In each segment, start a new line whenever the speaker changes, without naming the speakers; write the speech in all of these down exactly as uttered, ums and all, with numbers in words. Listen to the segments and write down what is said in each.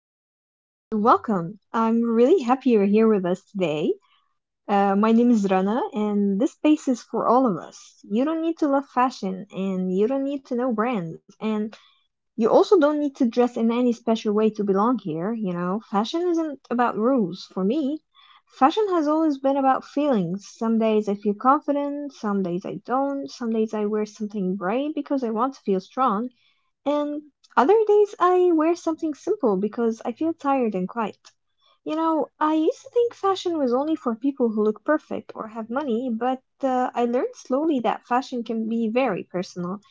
everyone, and welcome. I'm really happy you're here with us today. Uh, my name is Rana, and this space is for all of us. You don't need to love fashion, and you don't need to know brands, and you also don't need to dress in any special way to belong here. You know, fashion isn't about rules for me. Fashion has always been about feelings. Some days I feel confident, some days I don't, some days I wear something bright because I want to feel strong, and other days I wear something simple because I feel tired and quiet. You know, I used to think fashion was only for people who look perfect or have money, but uh, I learned slowly that fashion can be very personal.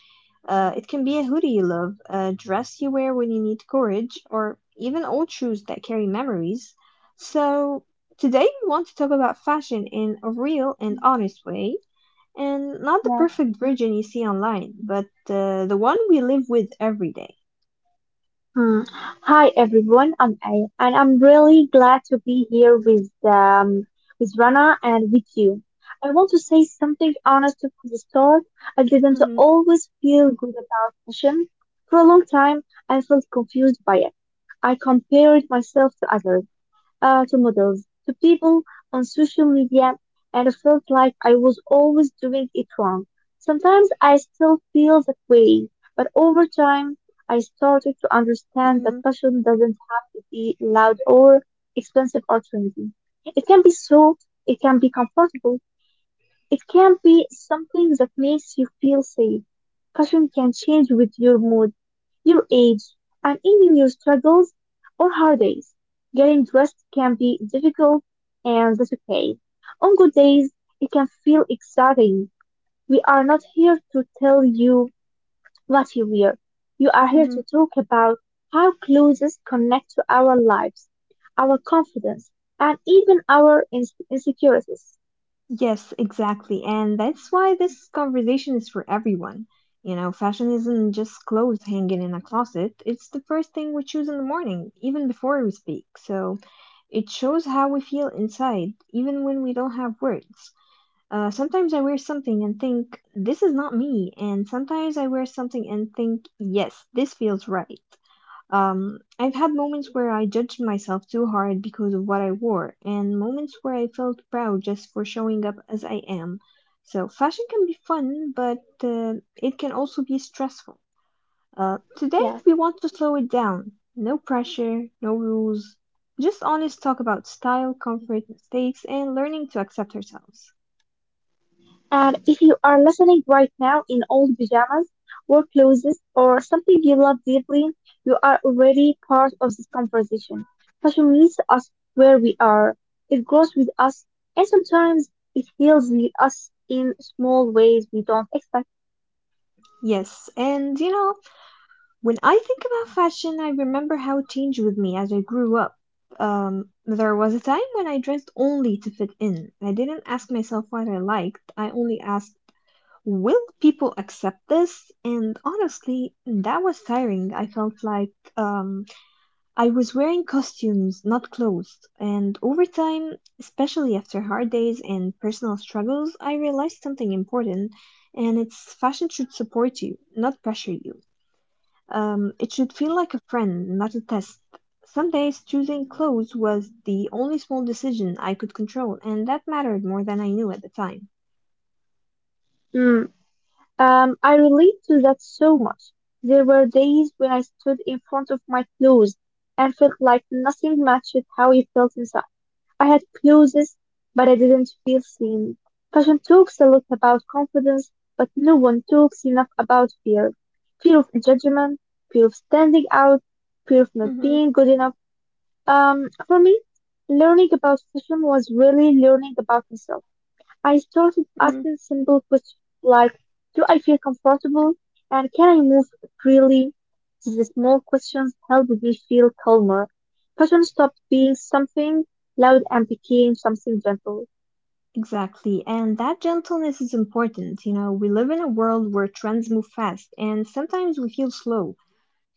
Uh, it can be a hoodie you love, a dress you wear when you need courage, or even old shoes that carry memories. So, today we want to talk about fashion in a real and honest way and not the
Yeah.
perfect virgin you see online, but uh, the one we live with every day.
Hmm. Hi everyone, I'm Aya, and I'm really glad to be here with um with Rana and with you. I want to say something honest to the start. I didn't
Mm-hmm,
always feel good about fashion. For a long time, I felt confused by it. I compared myself to others, uh, to models, to people on social media, and I felt like I was always doing it wrong. Sometimes I still feel that way, but over time, I started to understand that
mm-hmm,
fashion doesn't have to be loud or expensive or trendy. It can be soft, it can be comfortable, it can be something that makes you feel safe. Fashion can change with your mood, your age, and even your struggles or hard days. Getting dressed can be difficult, and that's okay. On good days, it can feel exciting. We are not here to tell you what you wear. You are here
mm-hmm.
to talk about how clothes connect to our lives, our confidence, and even our ins- insecurities.
Yes, exactly. And that's why this conversation is for everyone. You know, fashion isn't just clothes hanging in a closet, it's the first thing we choose in the morning, even before we speak. So. It shows how we feel inside, even when we don't have words. Uh, sometimes I wear something and think, this is not me. And sometimes I wear something and think, yes, this feels right. Um, I've had moments where I judged myself too hard because of what I wore, and moments where I felt proud just for showing up as I am. So, fashion can be fun, but uh, it can also be stressful. Uh, today
Yes.
we want to slow it down. No pressure, no rules. Just honest talk about style, comfort, mistakes, and learning to accept ourselves.
And if you are listening right now in old pajamas, work clothes, or something you love deeply, you are already part of this conversation. Fashion meets us where we are. It grows with us, and sometimes it heals with us in small ways we don't expect.
Yes, and you know, when I think about fashion, I remember how it changed with me as I grew up. Um, there was a time when I dressed only to fit in. I didn't ask myself what I liked, I only asked, will people accept this? And honestly, that was tiring. I felt like, um, I was wearing costumes, not clothes, and over time, especially after hard days and personal struggles, I realized something important, and it's fashion should support you, not pressure you. Um, it should feel like a friend, not a test. Some days choosing clothes was the only small decision I could control, and that mattered more than I knew at the time.
Mm. Um, I relate to that so much. There were days when I stood in front of my clothes and felt like nothing matched how I felt inside. I had clothes, but I didn't feel seen. Fashion talks a lot about confidence, but no one talks enough about fear. Fear of judgment, fear of standing out, fear of not
hmm
being good enough. Um, for me, learning about fashion was really learning about myself. I started
hmm
asking simple questions like, do I feel comfortable? And can I move freely? These small questions helped me feel calmer. Fashion stopped being something loud and became something gentle.
Exactly. And that gentleness is important. You know, we live in a world where trends move fast and sometimes we feel slow.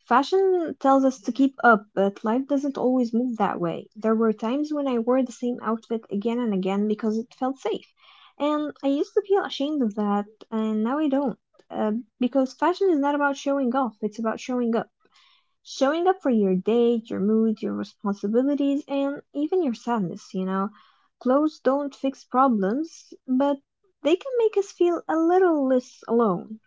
Fashion tells us to keep up, but life doesn't always move that way. There were times when I wore the same outfit again and again because it felt safe. And I used to feel ashamed of that, and now I don't. Uh, because fashion is not about showing off, it's about showing up. Showing up for your date, your mood, your responsibilities, and even your sadness, you know. Clothes don't fix problems, but they can make us feel a little less alone.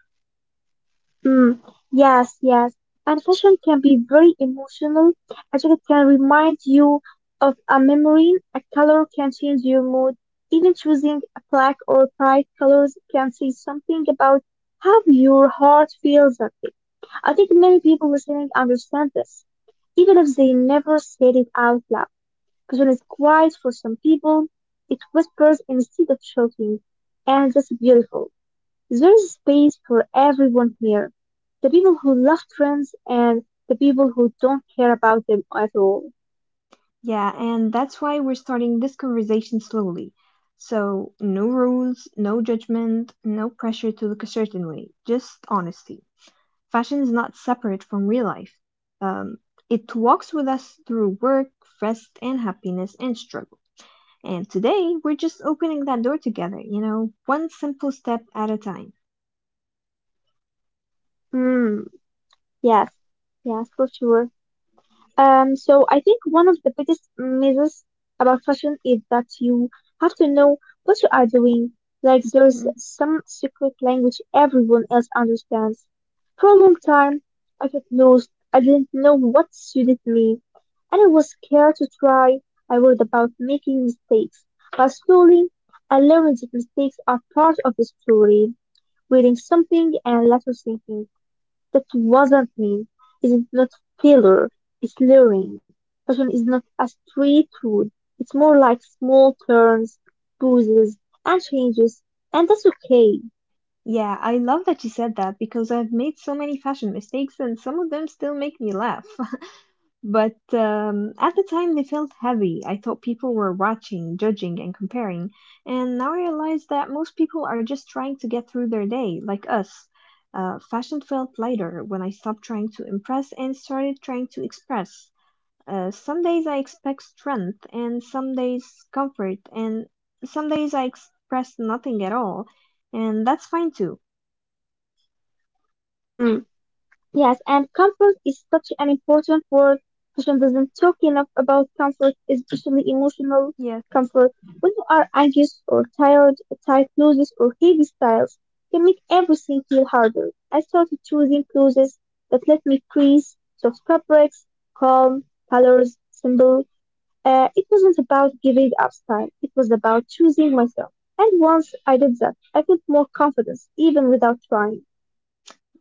Mm, yes, yes. And fashion can be very emotional. A jacket can remind you of a memory. A color can change your mood. Even choosing black or bright colors can say something about how your heart feels that day. I think many people listening understand this, even if they never said it out loud. Because when it's quiet for some people, it whispers instead of shouting, and that's beautiful. There is space for everyone here. The people who love trends and the people who don't care about them at all.
Yeah, and that's why we're starting this conversation slowly. So, no rules, no judgment, no pressure to look a certain way, just honesty. Fashion is not separate from real life. Um, it walks with us through work, rest, and happiness and struggle. And today we're just opening that door together, you know, one simple step at a time.
Hmm. Yes. Yes, for sure. Um, so I think one of the biggest myths about fashion is that you have to know what you are doing. Like there's
Mhm.
some secret language everyone else understands. For a long time, I felt lost. I didn't know what suited me, and I was scared to try. I worried about making mistakes. But slowly, I learned that mistakes are part of the story. Reading something and later thinking. That wasn't me. It's not failure, it's learning. Fashion is not a straight road. It's more like small turns, pauses, and changes, and that's okay.
Yeah, I love that you said that because I've made so many fashion mistakes and some of them still make me laugh. But um, at the time, they felt heavy. I thought people were watching, judging, and comparing. And now I realize that most people are just trying to get through their day, like us. Uh, fashion felt lighter when I stopped trying to impress and started trying to express. Uh, some days I expect strength, and some days comfort, and some days I express nothing at all, and that's fine too.
Mm. Yes, and comfort is such an important word. Fashion doesn't talk enough about comfort, especially emotional
Yes,
comfort. When you are anxious or tired, tight clothes or heavy styles can make everything feel harder. I started choosing clothes that let me breathe, soft fabrics, calm colors, simple. Uh, it wasn't about giving up style. It was about choosing myself. And once I did that, I felt more confidence, even without trying.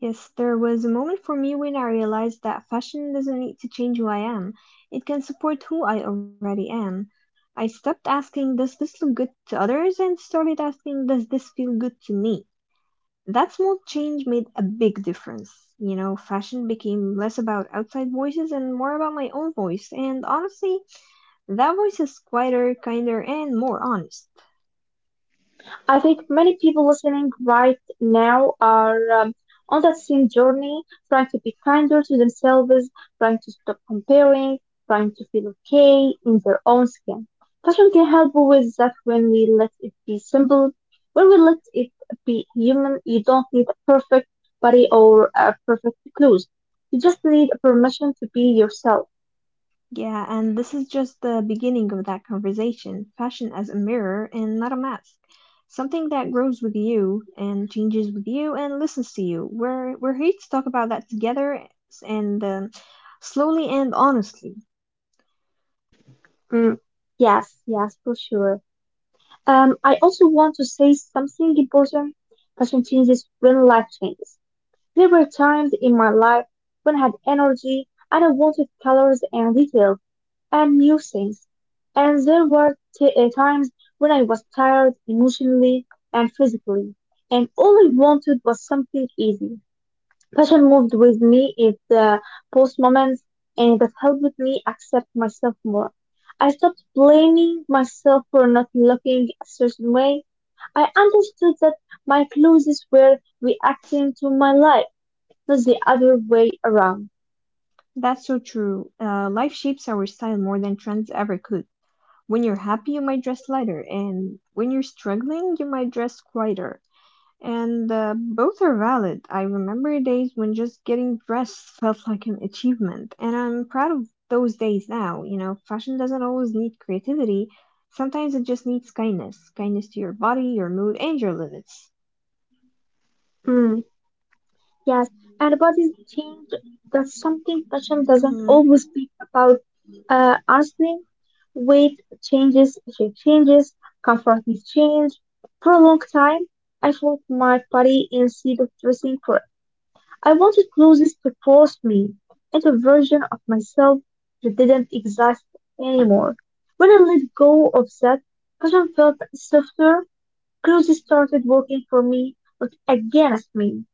yes, there was a moment for me when I realized that fashion doesn't need to change who I am, it can support who I already am. I stopped asking, does this look good to others, and started asking, does this feel good to me? That small change made a big difference. You know, fashion became less about outside voices and more about my own voice, and honestly, that voice is quieter, kinder, and more honest.
I think many people listening right now are um, on that same journey, trying to be kinder to themselves, trying to stop comparing, trying to feel okay in their own skin. Fashion can help with that when we let it be simple, when we let it be human. You don't need a perfect body or a perfect clothes. You just need permission to be yourself.
Yeah, and this is just the beginning of that conversation. Fashion as a mirror and not a mask. Something that grows with you and changes with you and listens to you. We're, we're here to talk about that together and um, slowly and honestly.
Mm, yes, yes, for sure. Um, I also want to say something important. Fashion changes when life changes. There were times in my life when I had energy and I wanted colors and details and new things. And there were t- uh, times when I was tired emotionally and physically. And all I wanted was something easy. Passion moved with me in the post moments and that helped me accept myself more. I stopped blaming myself for not looking a certain way. I understood that my clothes were reacting to my life, not the other way around.
That's so true. Uh, life shapes our style more than trends ever could. When you're happy, you might dress lighter, and when you're struggling, you might dress quieter. And uh, both are valid. I remember days when just getting dressed felt like an achievement, and I'm proud of those days now. You know, fashion doesn't always need creativity. Sometimes it just needs kindness. Kindness to your body, your mood, and your limits.
Mm, yes, and bodies change. That's something fashion doesn't
Mhm.
always speak about. Uh, honestly, weight changes, shape changes, comfort is changed. For a long time, I felt my body instead of dressing for I wanted clothes to force me into a version of myself that didn't exist anymore. When I let go of that, fashion felt softer, clothes started working for me, but against me.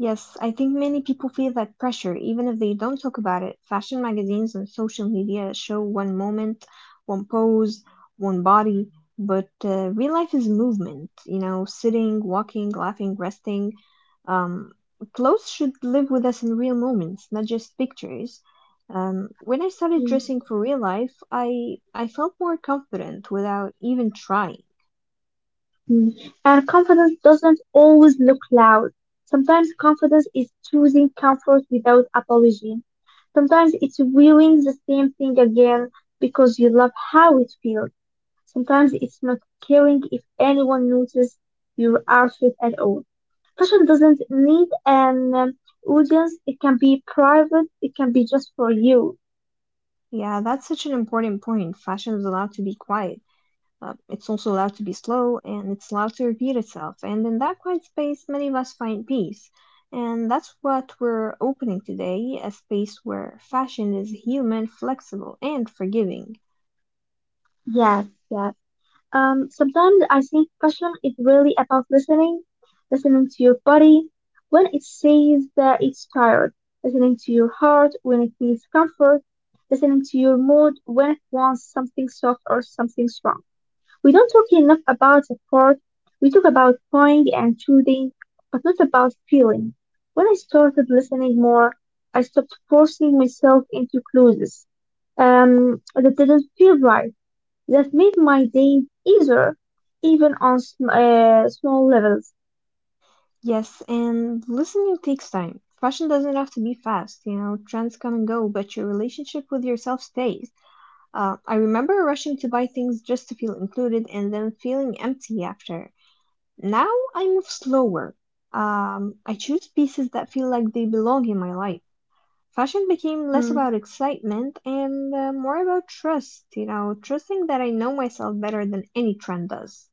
Yes, I think many people feel that pressure, even if they don't talk about it. Fashion magazines and social media show one moment, one pose, one body, but uh, real life is movement, you know, sitting, walking, laughing, resting. Um, Clothes should live with us in real moments, not just pictures. Um, when I started
Mhm.
dressing for real life, I, I felt more confident without even trying.
And confidence doesn't always look loud. Sometimes confidence is choosing comfort without apology. Sometimes it's wearing the same thing again because you love how it feels. Sometimes it's not caring if anyone notices your outfit at all. Fashion doesn't need an um, audience. It can be private. It can be just for you.
Yeah, that's such an important point. Fashion is allowed to be quiet. Uh, it's also allowed to be slow and it's allowed to repeat itself. And in that quiet space, many of us find peace. And that's what we're opening today, a space where fashion is human, flexible, and forgiving.
Yes, yes. Um, sometimes I think fashion is really about listening, listening to your body when it says that it's tired, listening to your heart when it needs comfort, listening to your mood when it wants something soft or something strong. We don't talk enough about support. We talk about throwing and shooting, but not about feeling. When I started listening more, I stopped forcing myself into closes um, that didn't feel right. That made my day easier, even on sm- uh, small levels.
Yes, and listening takes time. Fashion doesn't have to be fast, you know, trends come and go, but your relationship with yourself stays. Uh, I remember rushing to buy things just to feel included and then feeling empty after. Now I move slower. Um, I choose pieces that feel like they belong in my life. Fashion became less
Hmm,
about excitement and uh, more about trust, you know, trusting that I know myself better than any trend does.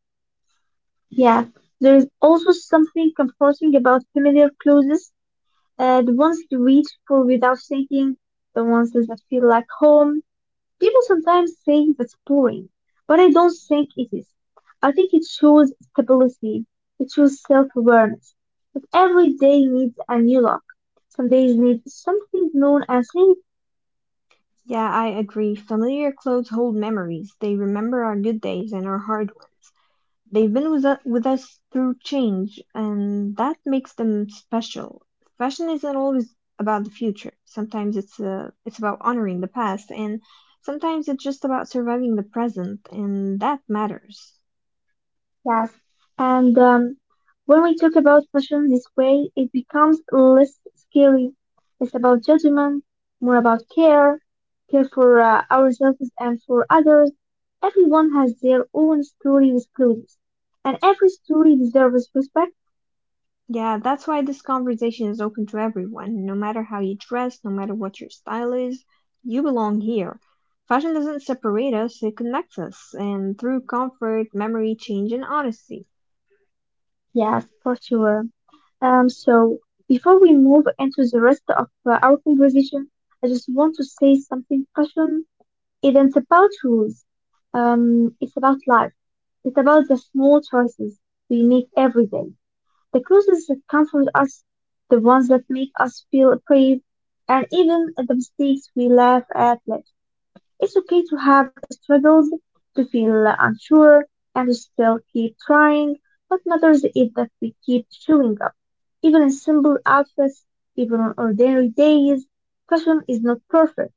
yeah, there is also something comforting about familiar clues, uh, the ones you reach for without thinking, the ones that feel like home. People sometimes say that's boring, but I don't think it is. I think it shows stability, it shows self awareness. But every day needs a new look. Some days need something known and things
Yeah, I agree. Familiar clothes hold memories. They remember our good days and our hard. They've been with, u- with us through change, and that makes them special. Fashion isn't always about the future. Sometimes it's uh, it's about honoring the past, and sometimes it's just about surviving the present, and that matters.
fast. And um, when we talk about fashion this way, it becomes less scary. It's about judgment, more about care, care for uh, ourselves and for others. Everyone has their own story with clothes, and every story deserves respect.
Yeah, that's why this conversation is open to everyone. No matter how you dress, no matter what your style is, you belong here. Fashion doesn't separate us, it connects us, and through comfort, memory, change, and honesty.
Yes, for sure. Um, so before we move into the rest of uh, our conversation, I just want to say something. Fashion isn't about rules. Um, it's about life. It's about the small choices we make every day. The clothes that comfort us, the ones that make us feel brave, and even the mistakes we laugh at. It's okay to have struggled, to feel unsure, and to still keep trying. What matters is that we keep showing up, even in simple outfits, even on ordinary days. Fashion is not perfect,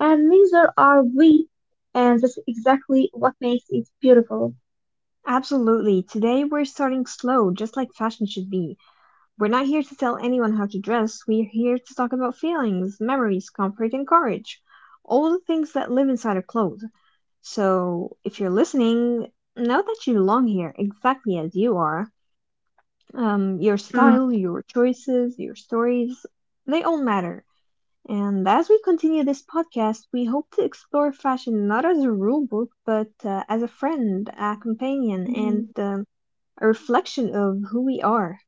and neither are we, and that's exactly what makes it beautiful.
Absolutely. Today we're starting slow, just like fashion should be. We're not here to tell anyone how to dress. We're here to talk about feelings, memories, comfort, and courage. All the things that live inside a clothes. So if you're listening, know that you belong here exactly as you are. Um, your style, your choices, your stories, they all matter. And as we continue this podcast, we hope to explore fashion not as a rule book, but uh, as a friend, a companion, and
Mm.
um, a reflection of who we are.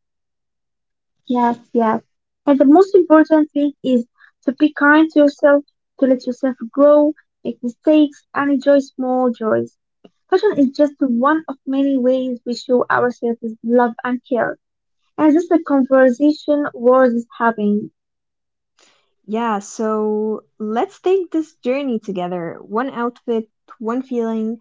Yes, yes. And the most important thing is to be kind to yourself, to let yourself grow, make mistakes, and enjoy small joys. Fashion is just one of many ways we show ourselves love and care. And this is a conversation worth having.
Yeah, so let's take this journey together, one outfit, one feeling,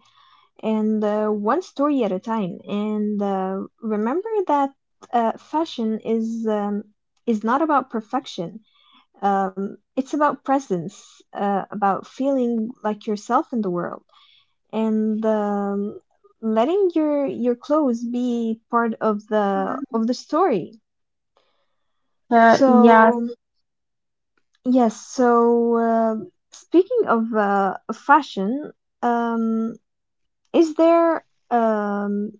and uh, one story at a time. And uh, remember that uh, fashion is um, is not about perfection. Um, it's about presence, uh, about feeling like yourself in the world, and um, letting your your clothes be part of the
Mhm.
of the story.
Uh, yes.
So. Yes, so uh, speaking of uh, fashion, um, is there um,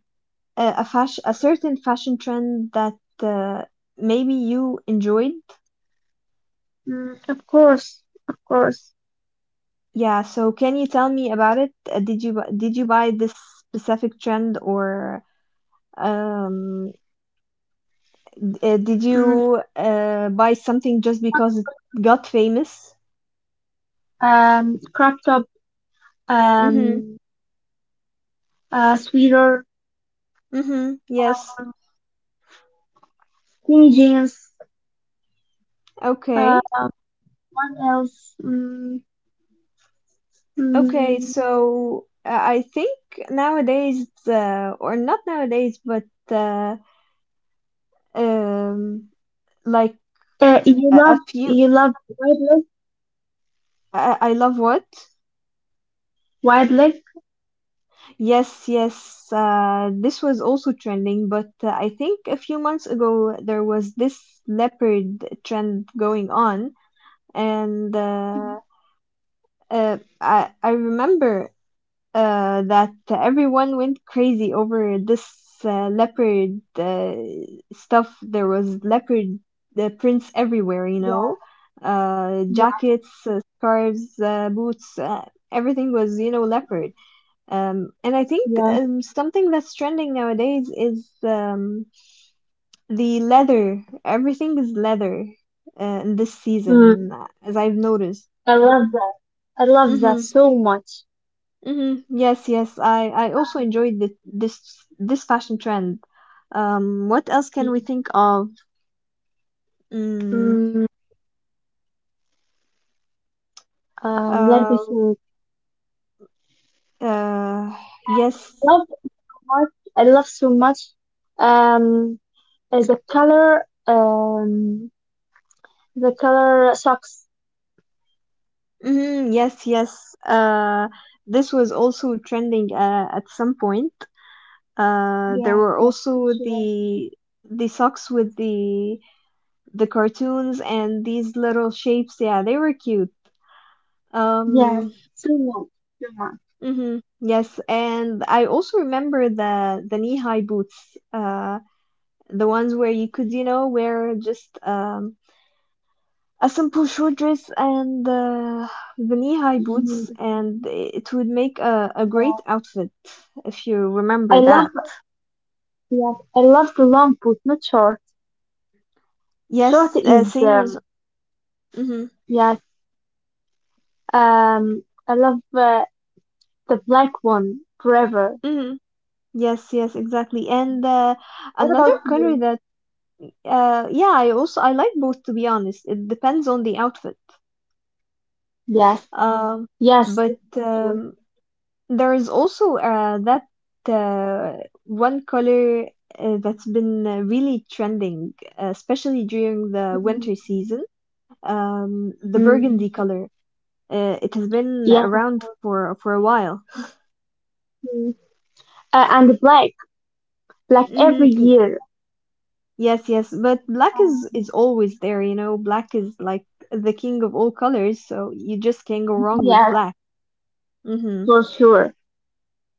a, a, fashion, a certain fashion trend that uh, maybe you enjoyed?
Mm, of course, of course.
Yeah, so can you tell me about it? Uh, did you bu- did you buy this specific trend or um, d- uh, did you
Mm,
uh, buy something just
crop
because it
top,
got famous?
um, crop top,
Mm-hmm.
um, uh, sweater,
Mm-hmm. Yes.
um, skinny jeans.
Okay.
Um, what else? Mm,
Okay,
mm,
so uh, I think nowadays, uh, or not nowadays, but uh, um, like
uh, you
a, a
love
few.
you love wide leg,
I, I love what?
wide leg.
Yes, yes. Uh, this was also trending, but uh, I think a few months ago there was this leopard trend going on, and uh, uh, I I remember uh, that everyone went crazy over this uh, leopard uh, stuff. There was leopard uh, prints everywhere, you
Yeah,
know, uh,
yes,
jackets, uh, scarves, uh, boots. Uh, everything was, you know, leopard. Um, and I think
yeah.
um, something that's trending nowadays is um, the leather. Everything is leather uh, in this
Mm,
season, as I've noticed.
I love that. I love that
Hmm.
so much.
Mm-hmm. Yes, yes. I, I also enjoyed the, this this fashion trend. Um, what else can we think of? Mm,
Mm, um, let me
uh,
think.
uh,
Uh, I
yes.
love it so much. I love so much. Um, uh, the color. Um, the color socks.
Mm, yes, yes. Uh, this was also trending uh, at some point. Uh, there
Yes,
were
yes, for
also
sure.
the the socks with the the cartoons and these little shapes. Yeah, they were cute.
Yes,
Um,
so much, so much.
Mm-hmm. Yes, and I also remember the the knee-high boots, uh, the ones where you could, you know, wear just um a simple short dress and uh, the knee-high boots,
Mm-hmm.
and it would make a, a
I
great outfit if you remember
love
that.
yeah, I love the long boot, not short. Short
Yes, uh,
is
same as.
um
Mm-hmm.
yes. Um, I love uh, the black one forever.
Mm-hmm. Yes, yes, exactly. And uh,
What
another
about
color
you?
that, uh, yeah, I also I like both, to be honest. It depends on the outfit.
Yes.
Um,
Yes.
but
Sure.
um, There is also uh, that uh, one color uh, that's been uh, really trending, uh, especially during the
Mm,
winter season, um, the
mm,
burgundy color. Uh, it has been
yes.
around for for a while.
Mm. Uh, and black, black every
Hmm.
year.
Yes, yes, but black is is always there, you know. Black is like the king of all colors, so you just can't go wrong with
Yes,
black. Hmm.
for sure.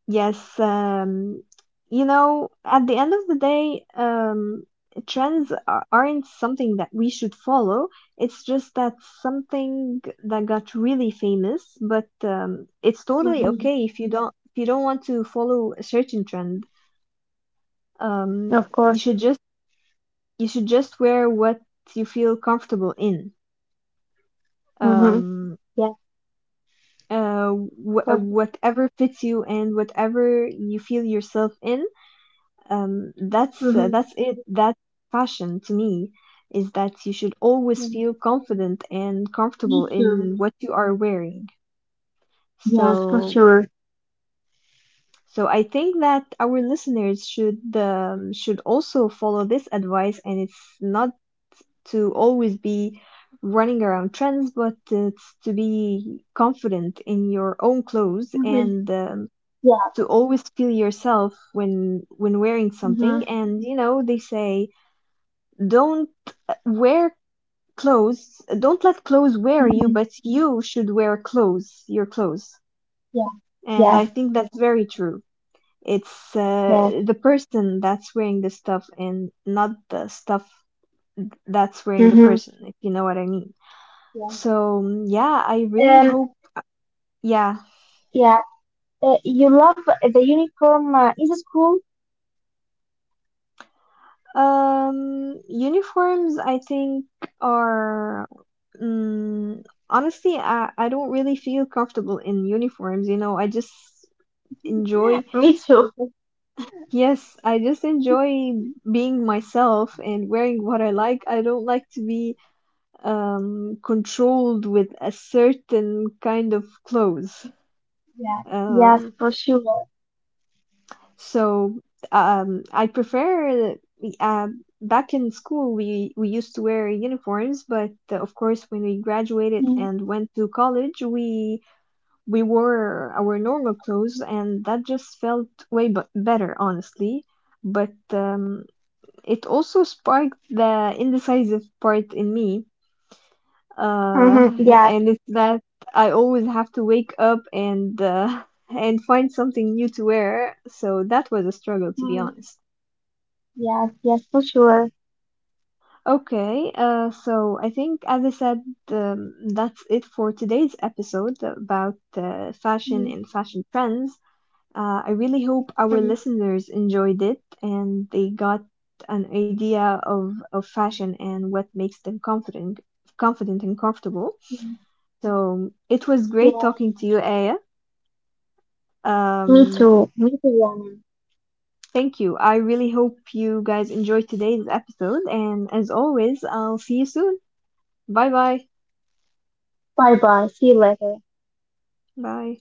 Yes, um, you know, at the end of the day, um, trends a- aren't something that we should follow. It's just that something that got really famous, but um, it's totally
Hmm.
okay if you don't if you don't want to follow a certain trend. Um,
Of
you
course.
should just you should just wear what you feel comfortable in.
Mm-hmm.
Um,
Yes,
uh, wh- uh,
for sure.
Whatever fits you and whatever you feel yourself in, um, that's
Mm-hmm.
uh, that's it. That fashion to me is that you should always
Mm-hmm.
feel confident and comfortable
Me
in
too.
what you are wearing.
Yes, for
So
sure.
so I think that our listeners should um, should also follow this advice, and it's not to always be running around trends, but it's to be confident in your own clothes
Mm-hmm.
and um,
Yeah.
to always feel yourself when when wearing something.
Mm-hmm.
And you know they say, don't wear clothes. Don't let clothes wear you,
Mm-hmm.
but you should wear clothes, your clothes.
Yeah.
And I
Yes.
think that's very true. It's uh,
Yes.
the person that's wearing the stuff and not the stuff that's wearing the
Mm-hmm.
person, if you know what I mean. So, mm, yeah, I
Yeah.
really
Um.
hope, yeah.
Yeah. Uh, you love the uniform uh, in the school.
Um, uniforms, I think, are mm, honestly, I, I don't really feel comfortable in uniforms. You know, I just enjoy
Me too.
Yes, I just enjoy being myself and wearing what I like. I don't like to be um, controlled with a certain kind of clothes.
Yeah. Yes,
Um
for sure.
so um, I prefer. Uh, back in school, we we used to wear uniforms, but uh, of course, when we
Mm.
graduated and went to college, we we wore our normal clothes, and that just felt way b better, honestly. But um, it also sparked the indecisive part in me, uh,
Hmm. Yes.
and it's that I always have to wake up and uh, and find something new to wear. So that was a struggle, to be
Mm.
honest.
Yes. Yes, for sure.
Okay, uh, so I think, as I said, um, that's it for today's episode about uh, fashion
Mm.
and fashion trends. Uh, I really hope our
Mm.
listeners enjoyed it and they got an idea of, of fashion and what makes them confident, confident and comfortable.
Mm.
So it was great
Yes.
talking to you, Aya.
Me
Um,
too. Me too, Yana.
Thank you. I really hope you guys enjoyed today's episode. And as always, I'll see you soon. Bye bye.
Bye bye. See you later.
Bye.